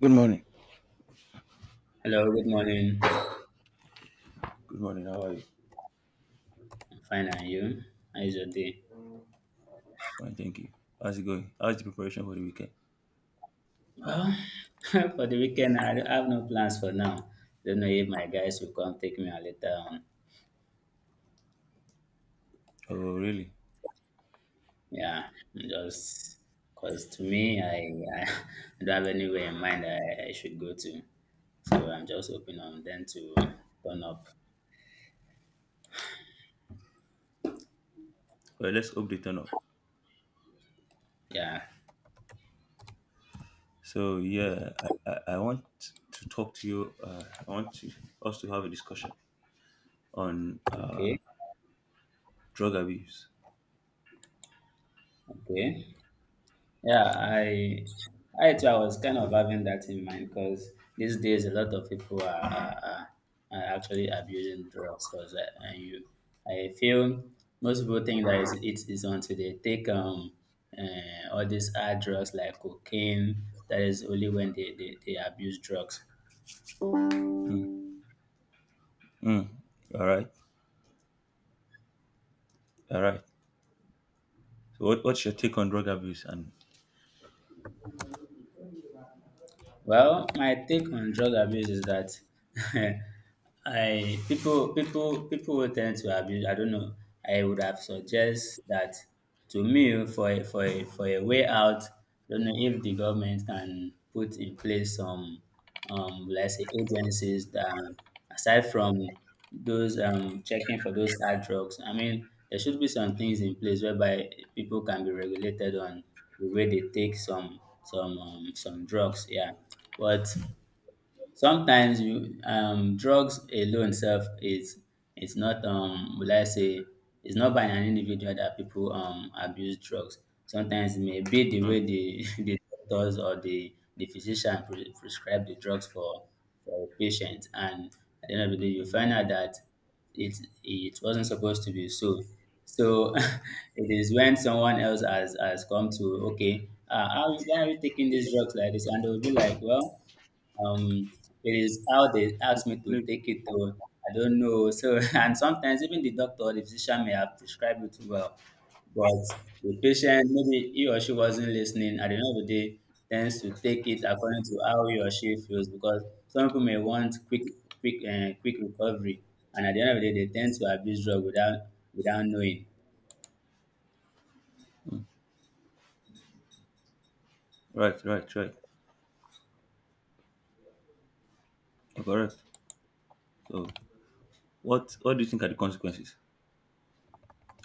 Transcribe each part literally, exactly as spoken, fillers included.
Good morning. Hello, good morning. Good morning. How are you? I'm fine, and you? How is your day? Fine, thank you. How's it going? How's the preparation for the weekend? Well, for the weekend, I don't- I have no plans for now. Don't know if my guys will come take me out later on. Oh, really? Yeah, just because to me, I, I don't have anywhere in mind that I, I should go to. So I'm just hoping on them to turn up. Well, let's hope they turn up. Yeah. So, yeah, I, I, I want to talk to you. Uh, I want to, us to have a discussion on uh, Okay. drug abuse. Okay. Yeah, I I too. I was kind of having that in mind, because these days a lot of people are, are, are are actually abusing drugs, because and you I feel most people think that it's, it is until they take um uh, all these hard drugs like cocaine. That is only when they, they, they abuse drugs. Mm, mm. All right. All right. So, what, what's your take on drug abuse? And Well, my take on drug abuse is that I people people people will tend to abuse. I don't know. I would have suggest that, to me, for a, for a, for a way out. I don't know if the government can put in place some, um, let's say, agencies that, aside from those, um, checking for those hard drugs. I mean, there should be some things in place whereby people can be regulated on the way they take some some um, some drugs. Yeah, but sometimes you um drugs alone self is, it's not, um will I say, it's not by an individual that people um abuse drugs. Sometimes it may be the mm, way the the doctors, or the the physician, pre- prescribe the drugs for for a patient, and at the end of the day you mm-hmm. find out that it it wasn't supposed to be so. So it is when someone else has has come to, okay, uh, how why are you taking these drugs like this? And they'll be like, well. Um, it is how they ask me to take it, or I don't know. So and sometimes even the doctor or the physician may have prescribed it well, but the patient, maybe he or she wasn't listening, at the end of the day tends to take it according to how he or she feels, because some people may want quick, quick, uh, quick recovery, and at the end of the day they tend to abuse drug without without knowing. Right, right, right. You're correct. So, what what do you think are the consequences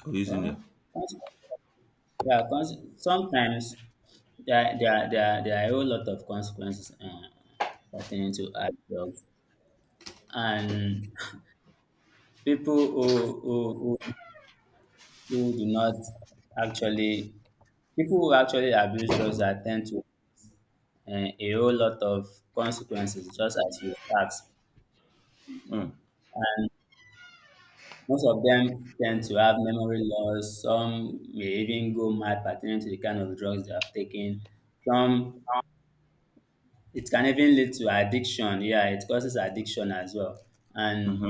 of using them? Well, cons- yeah, cons- sometimes there, are- there, are- there, are- there are a whole lot of consequences. Uh, pertaining to hard drugs, and people who who who, who do not actually, people who actually abuse drugs are tend to uh, a whole lot of consequences, just as you asked. Mm, Most of them tend to have memory loss. Some may even go mad pertaining to the kind of drugs they have taken. Some, it can even lead to addiction. Yeah, it causes addiction as well. And mm-hmm,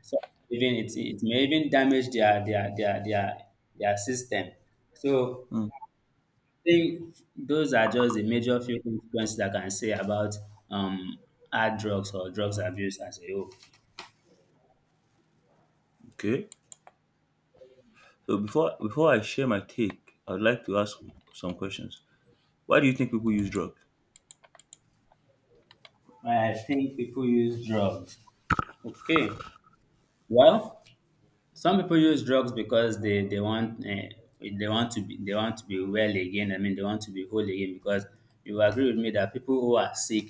So even it, it may even damage their their their their their system. So mm. I think those are just the major few consequences I can say about um hard drugs, or drugs abuse as a whole. Okay. So before before I share my take, I'd like to ask some questions. Why do you think people use drugs? Why I think people use drugs. Okay. Well, some people use drugs because they they want, uh, they want to be they want to be well again. I mean, they want to be whole again. Because you agree with me that people who are sick,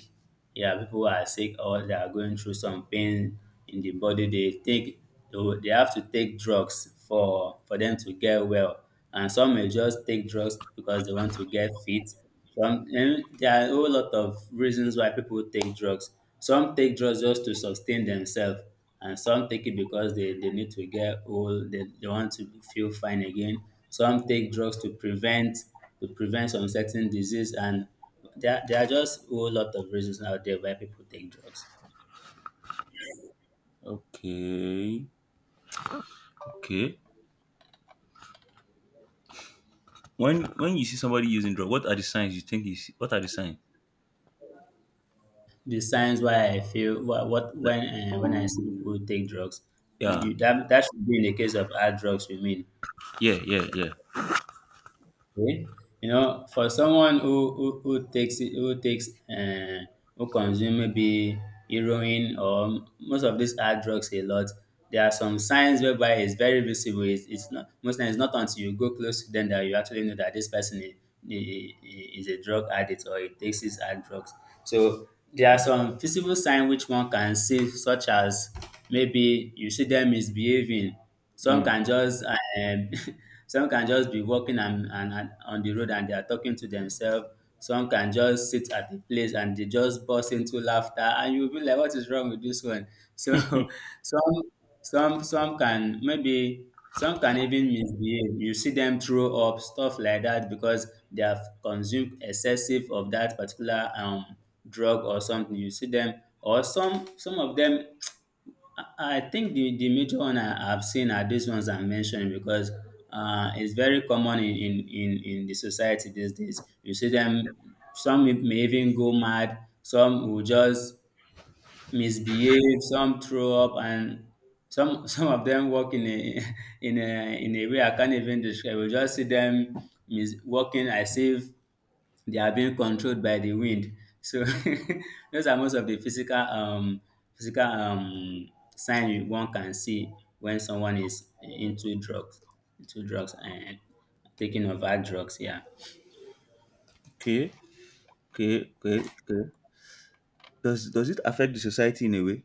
yeah, people who are sick, or they are going through some pain in the body, they take they will- they have to take drugs for for them to get well. And some may just take drugs because they want to get fit. Some and there are a whole lot of reasons why people take drugs. Some take drugs just to sustain themselves, and some take it because they, they need to get old, they, they want to feel fine again. Some take drugs to prevent to prevent some certain disease, and there, there are just a whole lot of reasons out there why people take drugs. Okay. Okay. When when you see somebody using drug, what are the signs you think is what are the signs? The signs why I feel what, what Like when uh, when I see people take drugs, yeah. you, that that should be in the case of hard drugs, you mean? Yeah, yeah, yeah. Okay. You know, for someone who who, who takes it, who takes uh, who consume maybe heroin, or most of these hard drugs, a lot, there are some signs whereby it's very visible. It's, it's not, most times it's not until you go close to them that you actually know that this person is, is a drug addict, or it takes his hard drugs. So there are some visible signs which one can see, such as, maybe you see them misbehaving, some Mm. can just um, some can just be walking, and, and, and on the road, and they are talking to themselves. Some can just sit at the place, and they just burst into laughter, and you'll be like, what is wrong with this one? So some some some can maybe some can even misbehave. You see them throw up stuff like that, because they have consumed excessive of that particular um drug or something. You see them, or some some of them, I I think the, the major one I have seen are these ones I'm mentioning, because uh, it's very common in, in, in, in the society these days. You see them, some may even go mad, some will just misbehave, some throw up, and some some of them walk in a in a in a way I can't even describe. We just see them mis- walking as if they are being controlled by the wind. So those are most of the physical um physical um sign you- one can see when someone is into drugs, into drugs and taking over drugs. Yeah. Okay. Okay. Okay. Okay. Does does it affect the society in a way?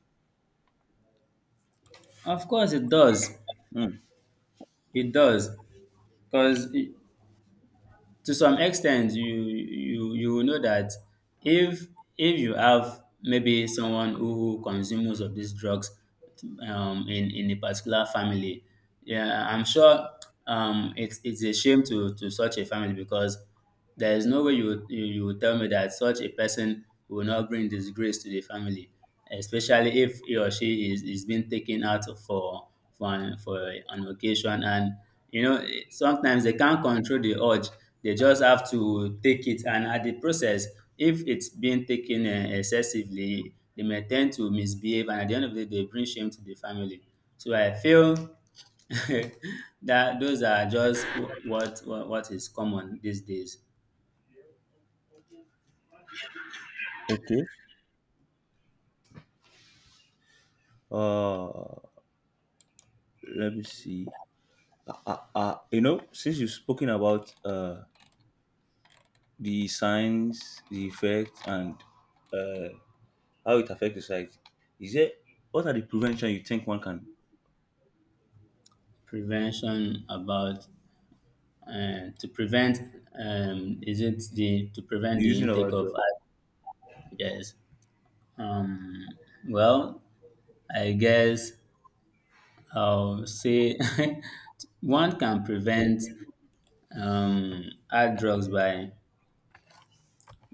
Of course it does. Mm. It does, because to some extent you you you will know that, if if you have maybe someone who consumes of these drugs, um, in in a particular family, yeah, I'm sure, um, it's it's a shame to to such a family, because there is no way you would, you, you would tell me that such a person will not bring disgrace to the family, especially if he or she is, is being taken out for for an, for an occasion. And you know, eh, sometimes they can't control the urge; they just have to take it. And at the process, if it's being taken, eh, excessively, they may tend to misbehave, and at the end of the day they bring shame to the family. So I feel that those are just wh- what what, what is common these days. Okay. Uh let me see. Uh, uh, you know, since you've spoken about uh the signs, the effects, and uh how it affects society. Is there what are the prevention you think one can be Prevention about, uh, to prevent, um, is it the to prevent the using of intake of outdoor? algae? Yes. Well, I guess I'll say one can prevent um, hard drugs by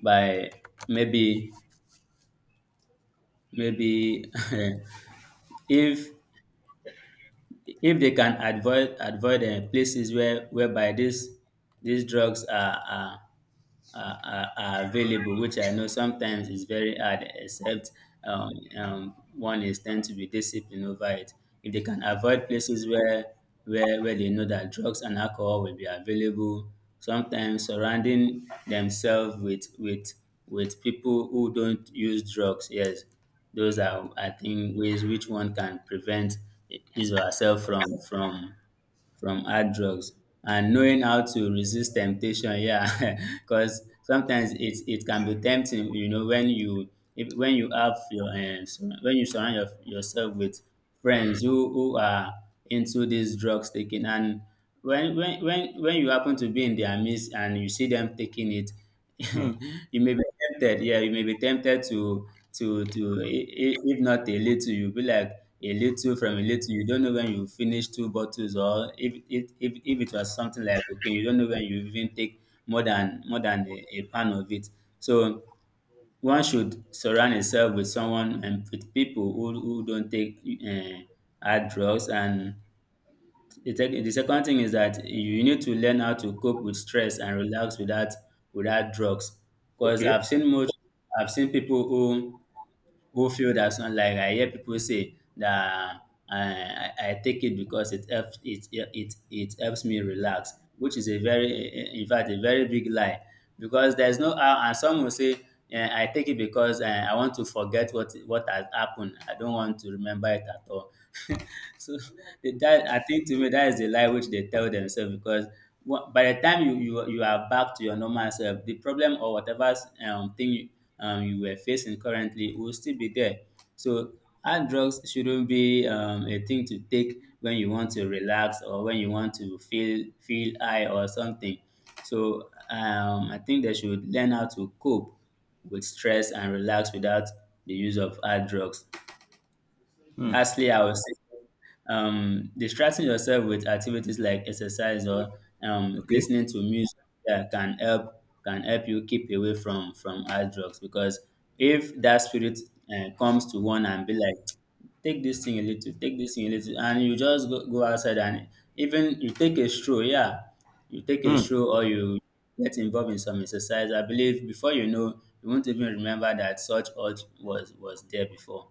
by maybe, maybe if if they can avoid avoid uh, places where whereby these these drugs are, are are, are, are available, which I know sometimes is very hard, except, um, um, one is tend to be disciplined over it. If they can avoid places where, where where they know that drugs and alcohol will be available, sometimes surrounding themselves with with with people who don't use drugs, yes, those are, I think, ways which one can prevent his or herself from from from hard drugs, and knowing how to resist temptation. Yeah, because sometimes it it can be tempting, you know when you if, when you have your um, sur- when you surround your, yourself with friends who, who are into this drugs taking, and when, when when when you happen to be in their midst and you see them taking it. Hmm. You may be tempted, yeah, you may be tempted to to to i- i- if not a little, you be like, a little from a little. You don't know when you finish two bottles, or if if if, if it was something like cocaine, you don't know when you even take more than more than a, a pan of it. So one should surround himself with someone, and with people who, who don't take uh, hard drugs. And the, tech, the second thing is that you need to learn how to cope with stress and relax without without drugs. Because I've Okay. seen most, I've seen people who who feel that, some like I hear people say that, uh, I, I take it because it helps it, it it helps me relax, which is a very in fact a very big lie, because there's no how. And some will say, eh, I take it because, eh, I want to forget what what has happened. I don't want to remember it at all. So the- that, I think, to me, that is the lie which they tell themselves, because wha- by the time you you you are back to your normal self, the problem, or whatever um thing, um, you were facing currently, will still be there. So hard drugs shouldn't be um, a thing to take when you want to relax or when you want to feel feel high or something. So um, I think they should learn how to cope with stress and relax without the use of hard drugs. Hmm. Lastly, I would say um, distracting yourself with activities like exercise or um, Okay. listening to music, yeah, can help can help you keep away from from hard drugs because if that spirit uh, comes to one and be like take this thing a little take this thing a little and you just go, go outside and even you take a stroll, yeah, you take a Hmm. stroll or you get involved in some exercise. I believe before you know, you won't even remember that such urge was was there before.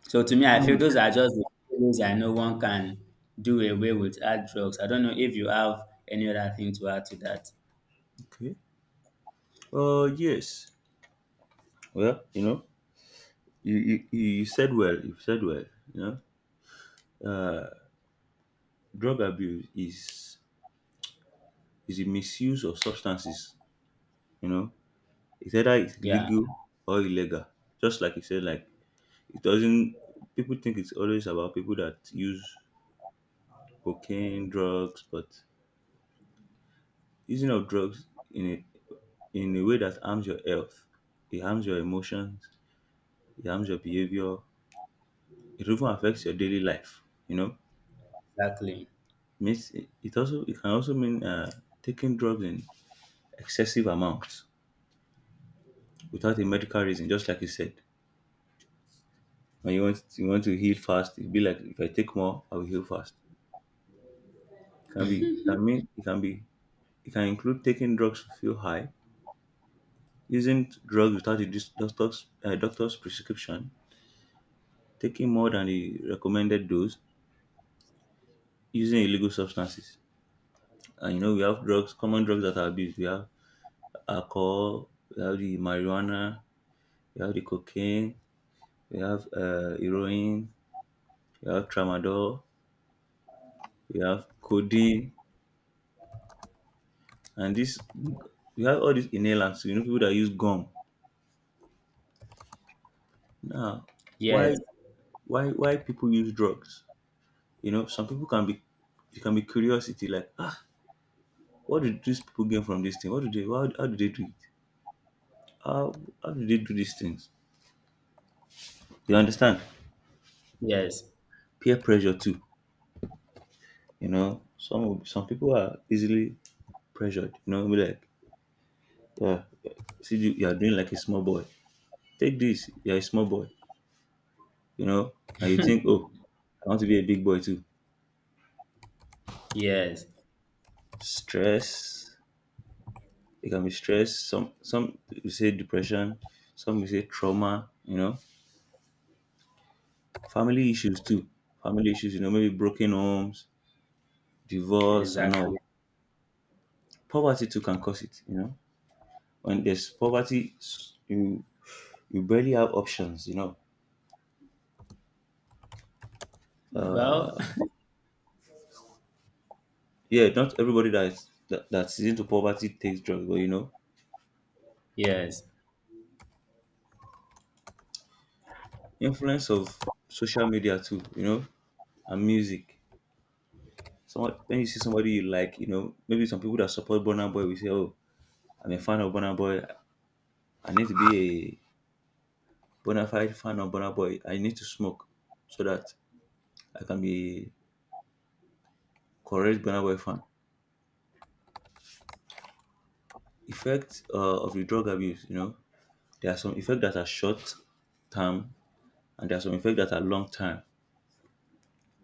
So to me, I feel Hmm. those are just the few ways I know one can do away with hard drugs. I don't know if you have any other thing to add to that. Okay. Uh yes. Well, you know, you, you, you you said well, you said well, you know. Uh drug abuse is is a misuse of substances, you know. It's either it's Yeah, legal or illegal. Just like you said, like it doesn't people think it's always about people that use cocaine, drugs, but using of drugs in a in a way that harms your health, it harms your emotions, it harms your behavior, it even affects your daily life, you know. exactly. Means it, it also it can also mean uh, taking drugs in excessive amounts without a medical reason, just like you said. When you want you want to heal fast, it'd be like if I take more, I will heal fast. It can be it can mean it can be it can include taking drugs to feel high, using drugs without a dis- doctor's uh, doctor's prescription, taking more than the recommended dose, using illegal substances. And you know, we have drugs, common drugs that are abused. We have alcohol, we have the marijuana, we have the cocaine, we have uh, heroin, we have tramadol, we have codeine, and this we have all these inhalants. You know, people that use gum. Now, why, Yes, why, why people use drugs? You know, some people can be, it can be curiosity, like ah, what do these people gain from this thing? What do they? How, how do they do it? How, how do they do these things? You understand? yes, Peer pressure too, you know. Some of- some people are easily pressured, you know, be like, yeah, see you, you are doing like a small boy. Take this, you're a small boy, you know, and you think, oh, I want to be a big boy too. yes, Stress, it can be stress. Some some you say depression, some you say trauma, you know, family issues too. Family issues, you know, maybe broken homes, divorce and exactly. all. Poverty too can cause it, you know. When there's poverty you you barely have options, you know. Well, Yeah, not everybody that is- that that's into poverty takes drugs, but you know yes. influence of social media too, you know, and music. So when you see somebody you like, you know, maybe some people that support Burna Boy, we say, oh, I'm a fan of Burna Boy, I need to be a bona fide fan of Burna Boy, I need to smoke so that I can be a correct Burna Boy fan. Effect uh, of the drug abuse, you know. There are some effects that are short term and there are some effects that are long term,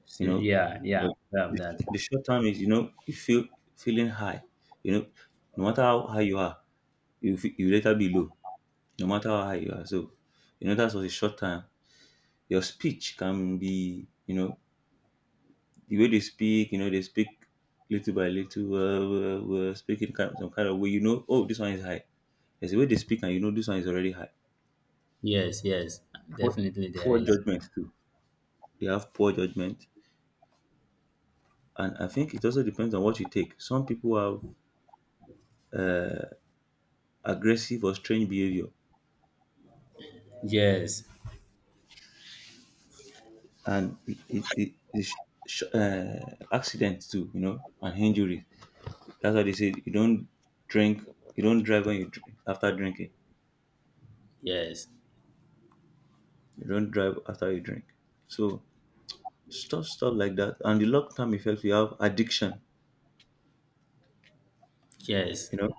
So, you know. yeah, yeah, But we have the, that. the short term is, you know, you feel feeling high, you know, no matter how high you are, you, fe- you later be low, no matter how high you are. So, you know, that's what the short term. Your speech can be, you know, the way they speak, you know, they speak little by little, uh, uh, uh, speaking kind of, some kind of way, you know, oh, this one is high. There's a way they speak and you know this one is already high. Yes, yes, Poor, definitely there poor is. judgment too. They have poor judgment. And I think it also depends on what you take. Some people have aggressive or strange behavior, Yes, and it, it, it, it sh- sh- uh, accidents too, you know, and injuries. That's why they say you don't drink, you don't drive when you drink, after drinking, yes, you don't drive after you drink. So stuff, stuff like that. And the long term effects, you have addiction. yes, You know,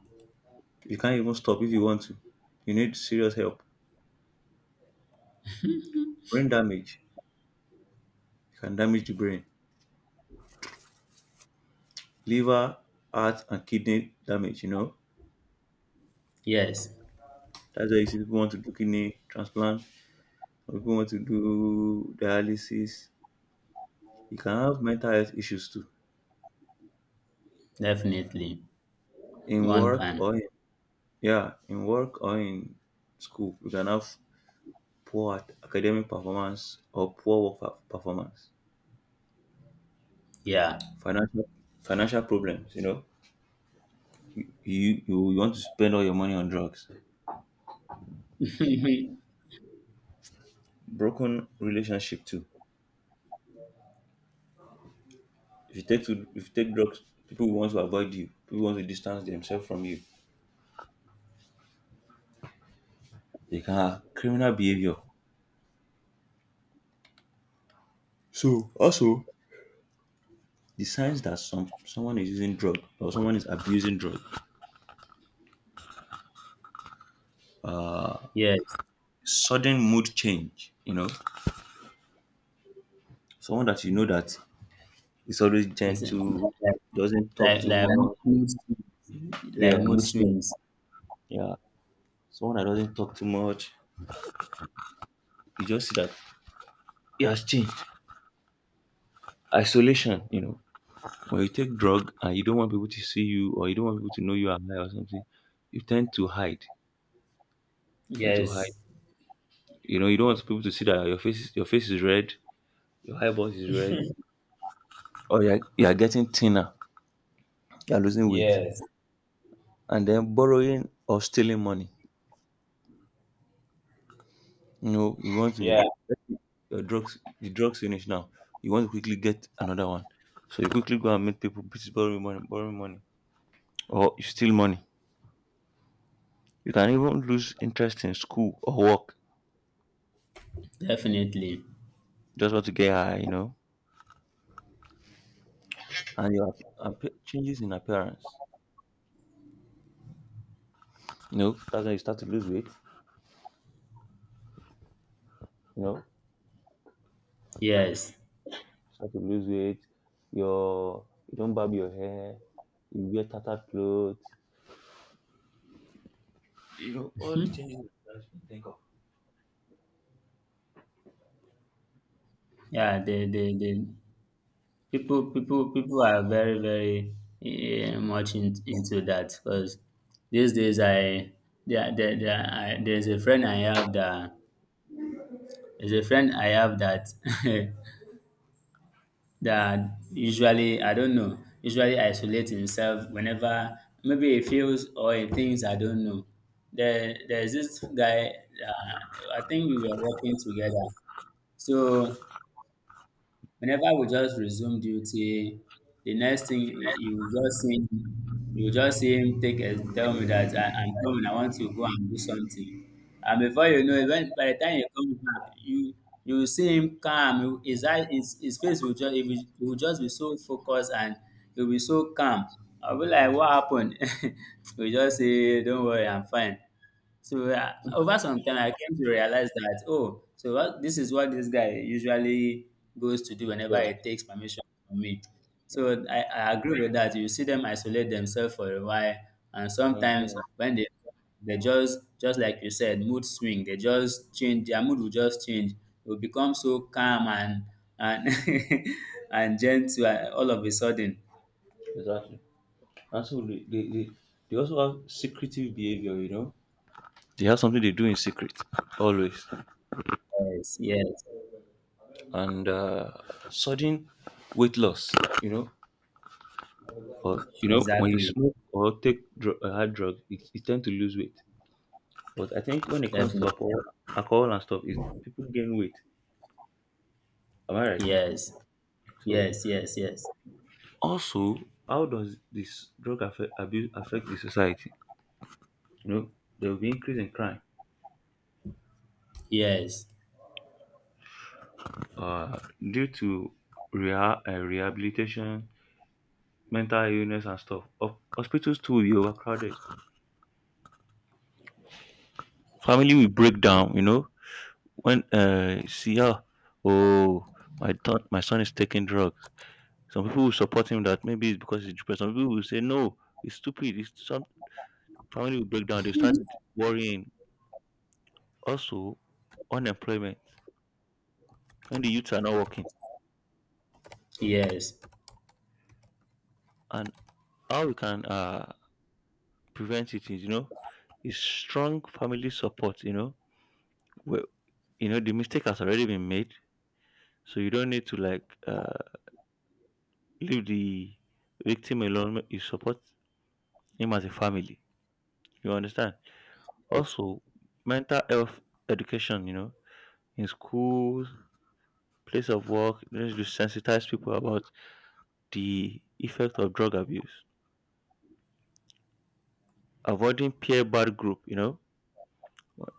you can't even stop if you want to. You need serious help. Brain damage you can damage the brain, liver, heart, and kidney damage. You know, yes, that's why you see people want to do kidney transplant, or people want to do dialysis. You can have mental health issues too. definitely. In One work or can. in, yeah, in work or in school, you can have poor ac- academic performance or poor work per- performance. Yeah. Financial financial problems, you know. You, you you want to spend all your money on drugs. Broken relationship too. If you take to if you take drugs, people want to avoid you. People want to distance themselves from you. They can have criminal behavior. So also the signs that some someone is using drug or someone is abusing drug. yes. Sudden mood change, you know. Someone that you know that is always Yes. gentle, doesn't talk like too like much. mood swings, like Yeah, mood mood swing. swings. Yeah. Someone that doesn't talk too much. You just see that he has changed. Isolation, you know. When you take drug and you don't want people to see you or you don't want people to know you are high or something, you tend to hide. Tend to hide. Yes. You know, you don't want people to see that your face is, your face is red, your eyeballs is red, or you're, you're getting thinner. You are losing weight. Yes. And then borrowing or stealing money. You know, you want to Yeah. your drugs the drugs finish now. You want to quickly get another one. So you quickly go and meet people, please borrow me money, borrow me money. Or you steal money. You can even lose interest in school or work. Definitely. Just want to get high, you know. And your appe- changes in appearance. You know, that's when you start to lose weight. You know, Yes. start to lose weight. Your you don't barb your hair. You wear tattered clothes. You know all the Hmm. changes in appearance you can think of. Yeah, the the the people people people are very very eh, much in, into that because these days I there there, there I, there's a friend I have that there's a friend I have that that usually, I don't know, usually isolate himself whenever maybe he feels or he thinks, I don't know. There there's this guy, uh, I think we were working together. So whenever we just resume duty, the next thing y- you will just see him, you will just see him take and tell me that I, I'm coming, I want to go and do something. And before you know it, when, by the time he comes back, you you will see him calm. he- His eye, his, his face will just he will, he will just be so focused and he'll be so calm. I'll be like, what happened? We just say, don't worry, I'm fine. So uh, over some time, I came to realize that, oh, so what, this is what this guy usually goes to do whenever Yeah. he takes permission from me. So I, I agree with that. You see them isolate themselves for a while, and Hmm. sometimes when they they just just like you said, mood swing. They just change. Their mood will just change. It will become so calm and and and gentle, uh, all of a sudden. Exactly. And so they, they, they, they also have secretive behavior, you know. They have something they do in secret, always. Yes, yes, And uh, sudden weight loss, you know. Or, you know, when you exactly, smoke or take dr- a hard drug, it, it tend to lose weight. But I think when it comes to definitely. alcohol, alcohol and stuff, it, people gain weight. Am I right? Yes, So, yes, yes, yes. also, how does this drug affect, abuse affect the society? You know, there will be increase in crime Yes, uh, due to reha- uh, rehabilitation, mental illness, and stuff. Ho- Hospitals too will be overcrowded. Family will break down. You know, when uh, see her, oh, my th- my son is taking drugs. Some people will support him that maybe it's because he's depressed. Some people will say no, it's stupid. It's some family will break down. They start worrying. Also, unemployment when the youths are not working yes, and how we can uh, prevent it is, you know, is strong family support, you know. Well, you know, the mistake has already been made, so you don't need to like uh, leave the victim alone. You support him as a family. You understand? Also, mental health education, you know, in schools, place of work, you need to sensitize people about the effect of drug abuse. Avoiding peer bad group, you know,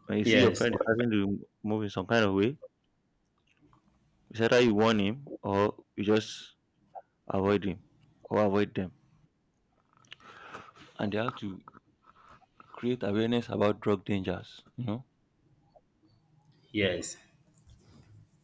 when you see your yes, friend is starting to move in some kind of way, it's either you warn him or you just avoid him or avoid them, and they have to create awareness about drug dangers, you know. yes.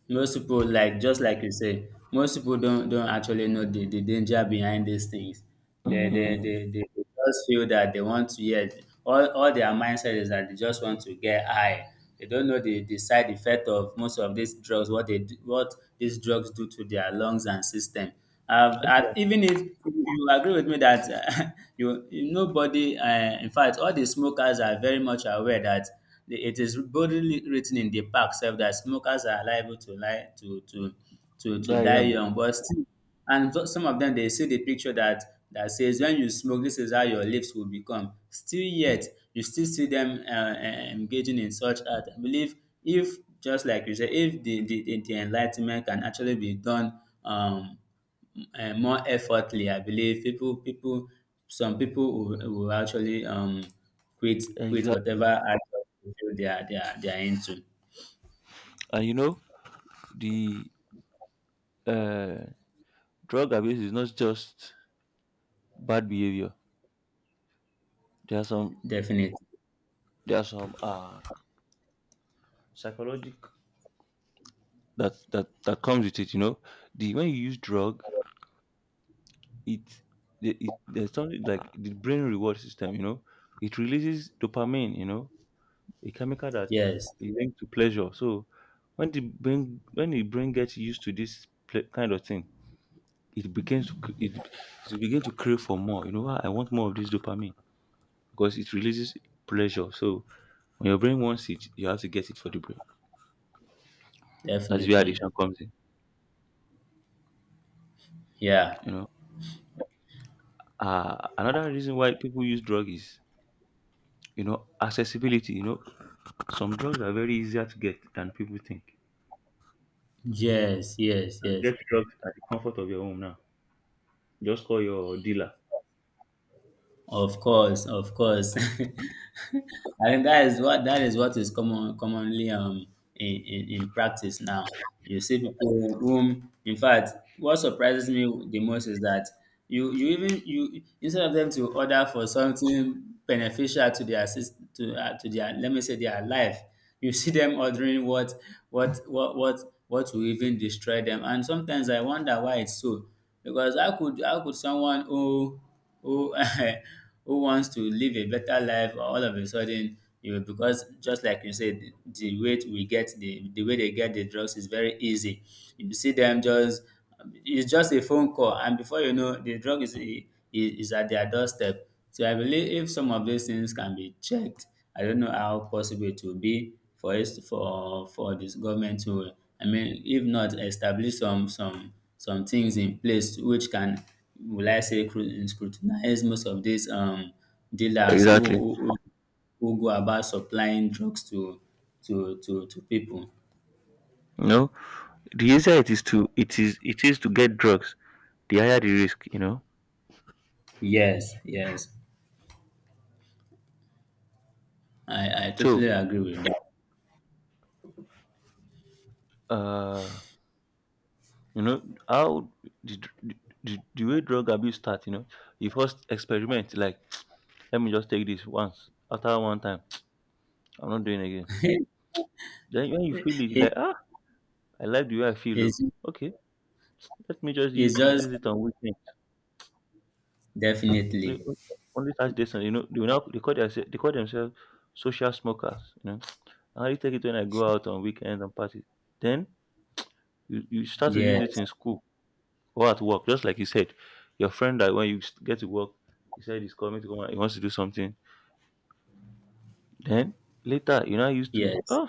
Most people, like just like you say, most people don't don't actually know the, the danger behind these things. They they, Mm, they they they just feel that they want to, yeah, all, all their mindset is that they just want to get high. They don't know the, the side effect of most of these drugs, what they do, what these drugs do to their lungs and system. I've, I exactly. even if you agree with me that you nobody, uh, in fact, all the smokers are very much aware that the- it is boldly written in the pack self that smokers are liable to lie to to to to That die young. young, but still, and so- some of them they see the picture that that says when you smoke, this is how your lips will become. Still, yet you still see them uh, uh, engaging in such art. I believe, if just like you said, if the the, the the enlightenment can actually be done. Um, uh, More effortly, I believe people, people, some people will, will actually um, quit, quit whatever. Exactly. Act feel they are they are they are into. And you know, the uh, drug abuse is not just bad behavior. There are some Definitely. there are some uh psychological that that that comes with it, you know. The when you use drug, it the- it there's something like the brain reward system, you know. It releases dopamine, you know, a chemical that Yes, is linked to pleasure. So when the brain when the brain gets used to this ple- kind of thing, it begins to c- it, it begin to crave for more. You know, what? I want more of this dopamine because it releases pleasure. So when your brain wants it, you have to get it for the brain. That is where definitely. addiction comes in. Yeah. You know, uh, another reason why people use drug is, you know, accessibility. You know, some drugs are very easier to get than people think. Yes, yes, And yes. get drugs at the comfort of your home now. Just call your dealer. Of course, of course. I think that is what, that is what is common commonly, um, in, in, in practice now. You see people whom in fact what surprises me the most is that you you even you, instead of them to order for something beneficial to their assist to, uh, to their, let me say, their life, you see them ordering what what what what what will even destroy them. And sometimes I wonder why it's so. Because how could how could someone who who who wants to live a better life or all of a sudden, you know, because just like you said, the the way we get the the way they get the drugs is very easy. You see them just, it's just a phone call and before you know, the drug is is, is at their doorstep. So I believe if some of these things can be checked, I don't know how possible it will be for us, for for this government to, I mean, if not establish some some some things in place which can, will I say, cru- scrutinize most of these, um, dealers who, Exactly. who, who who go about supplying drugs to to to, to people. You know, the easier it is to it is it is to get drugs, the higher the risk. You know, Yes, yes, I, I so totally agree with uh you know, how the, the, the the way drug abuse starts, you know, you first experiment, like, let me just take this once. After one time, I'm not doing it again. that. Then when you feel it, you're It- like, ah, I like the way I feel. Oh. it's, Okay, let me just it's use, it- just, use it on weekend. Only definitely, only Saturday, Sunday, you know, they, will now, they, call their, they call themselves social smokers. You know, I only take it when I go out on weekends and parties. Then you, you start to yes, use it in school or at work, just like you said, your friend that when you s- get to work, he said he's coming to come and he wants to do something. Then later, you know, I used to, yes, oh,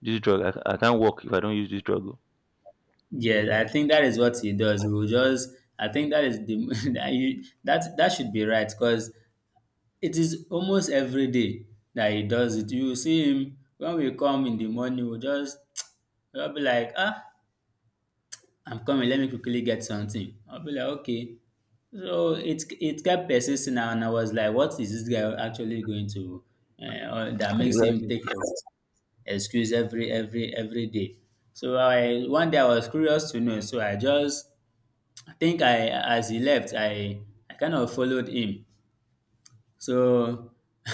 this drug, I, I can't work if I don't use this drug. Oh." yes. I think that is what he does. He will just. I think that is the that you, that that should be right because it is almost every day that he does it. You will see him when we come in the morning, we'll just I'll be like, ah, I'm coming, let me quickly get something. I'll be like, okay. So it it kept persisting and I was like, what is this guy actually going to, uh, or that makes him Exactly. take ex- excuse every every every day. So I one day I was curious to know, so I just, I think I, as he left, I I kind of followed him. So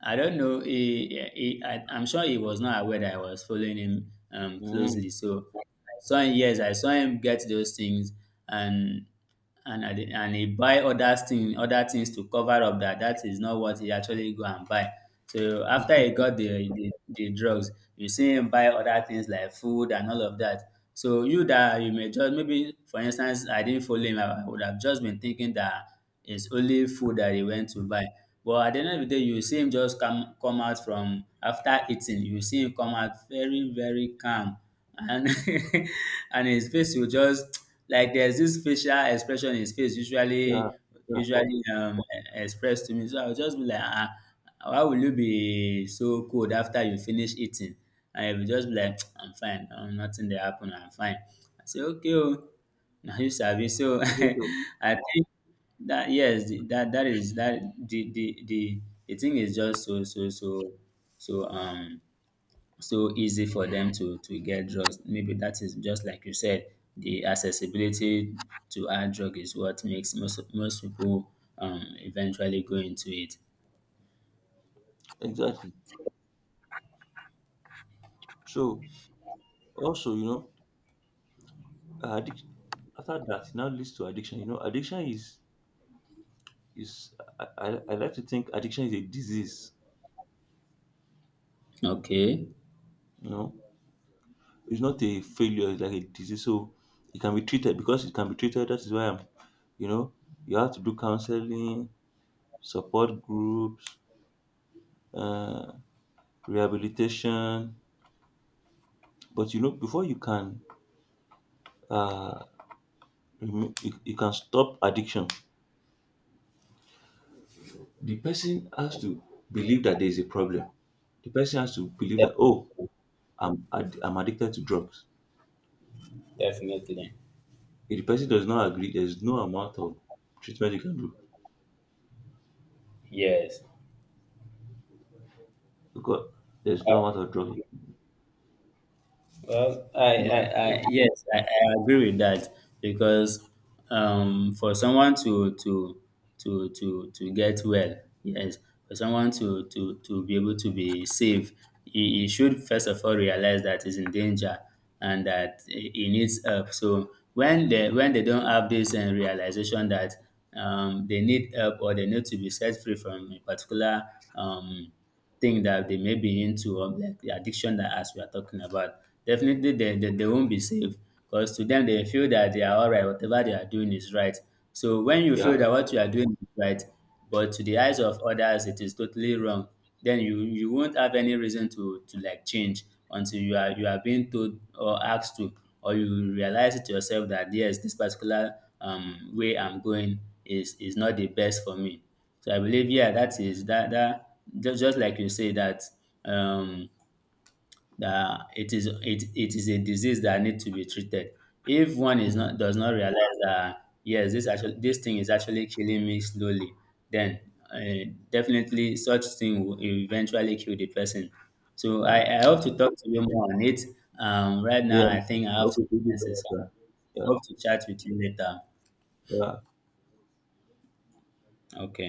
I don't know. He, he, I, I'm sure he was not aware that I was following him, um, Mm. closely. So I saw him, yes, I saw him get those things, and and I did- and he buy other things, other things to cover up that that is not what he actually go and buy. So after he got the the, the drugs, you see him buy other things like food and all of that. So you that you may just, maybe for instance I didn't follow him, I would have just been thinking that it's only food that he went to buy. But at the end of the day, you see him just come come out from after eating, you see him come out very, very calm. And and his face will just like there's this facial expression his face Yeah, usually yeah, usually um expressed to me. So I'll just be like, ah, why will you be so cold after you finish eating? And he'll just be like, I'm fine, um, nothing there happened, I'm fine. I say, okay, oh, now you service. So you get what- I think that yes, the- that that is that the the the, the thing is just so so so so um so easy for them to to get drugs. Maybe that is just like you said, the accessibility to our drug is what makes most most people, um, eventually go into it. exactly. So also, you know, addiction. After that, it now leads to addiction. You know, addiction is is I, I, I like to think addiction is a disease. Okay. You know, it's not a failure, it's like a disease. So it can be treated because it can be treated. That is why I'm, you know, you have to do counseling, support groups, uh, rehabilitation. But you know, before you can, uh, remo- you, you can stop addiction. The person has to believe that there is a problem. The person has to believe De- that oh, I'm add- I'm addicted to drugs. Definitely, If the person does not agree, there is no amount of treatment you can do yes. because there's no amount of drugs. Well, I, Yeah. I, So, I, yes, I, I agree with that because, um, for someone to to to to to get well, yes, for someone to to to be able to be safe, he, he should first of all realize that he's in danger and that he he needs help. So when they when they don't have this, uh, realization that, um, they need help or they need to be set free from a particular, um, thing that they may be into, um, like the addiction that as we are talking about, definitely they, they, they won't be safe because to them they feel that they are all right, whatever they are doing is right. So when you feel yeah. that what you are doing is right, but to the eyes of others it is totally wrong, then you you won't have any reason to to like change until you are you are being told or asked to, or you realize it yourself that yes, this particular, um, way I'm going is is not the best for me. So I believe, yeah, that is that that just just like you say that, um, that it is it it is a disease that need to be treated. If one is Mhm, not does not realize that yes, this actually this thing is actually killing me slowly, then, uh, definitely such thing will eventually kill the person. So ja. I, I hope to talk to you more on it. Um, right Ja, now, I think I have to. local food is Answer. So alright, I yeah. Yeah, hope to chat with you later. yeah. Okay.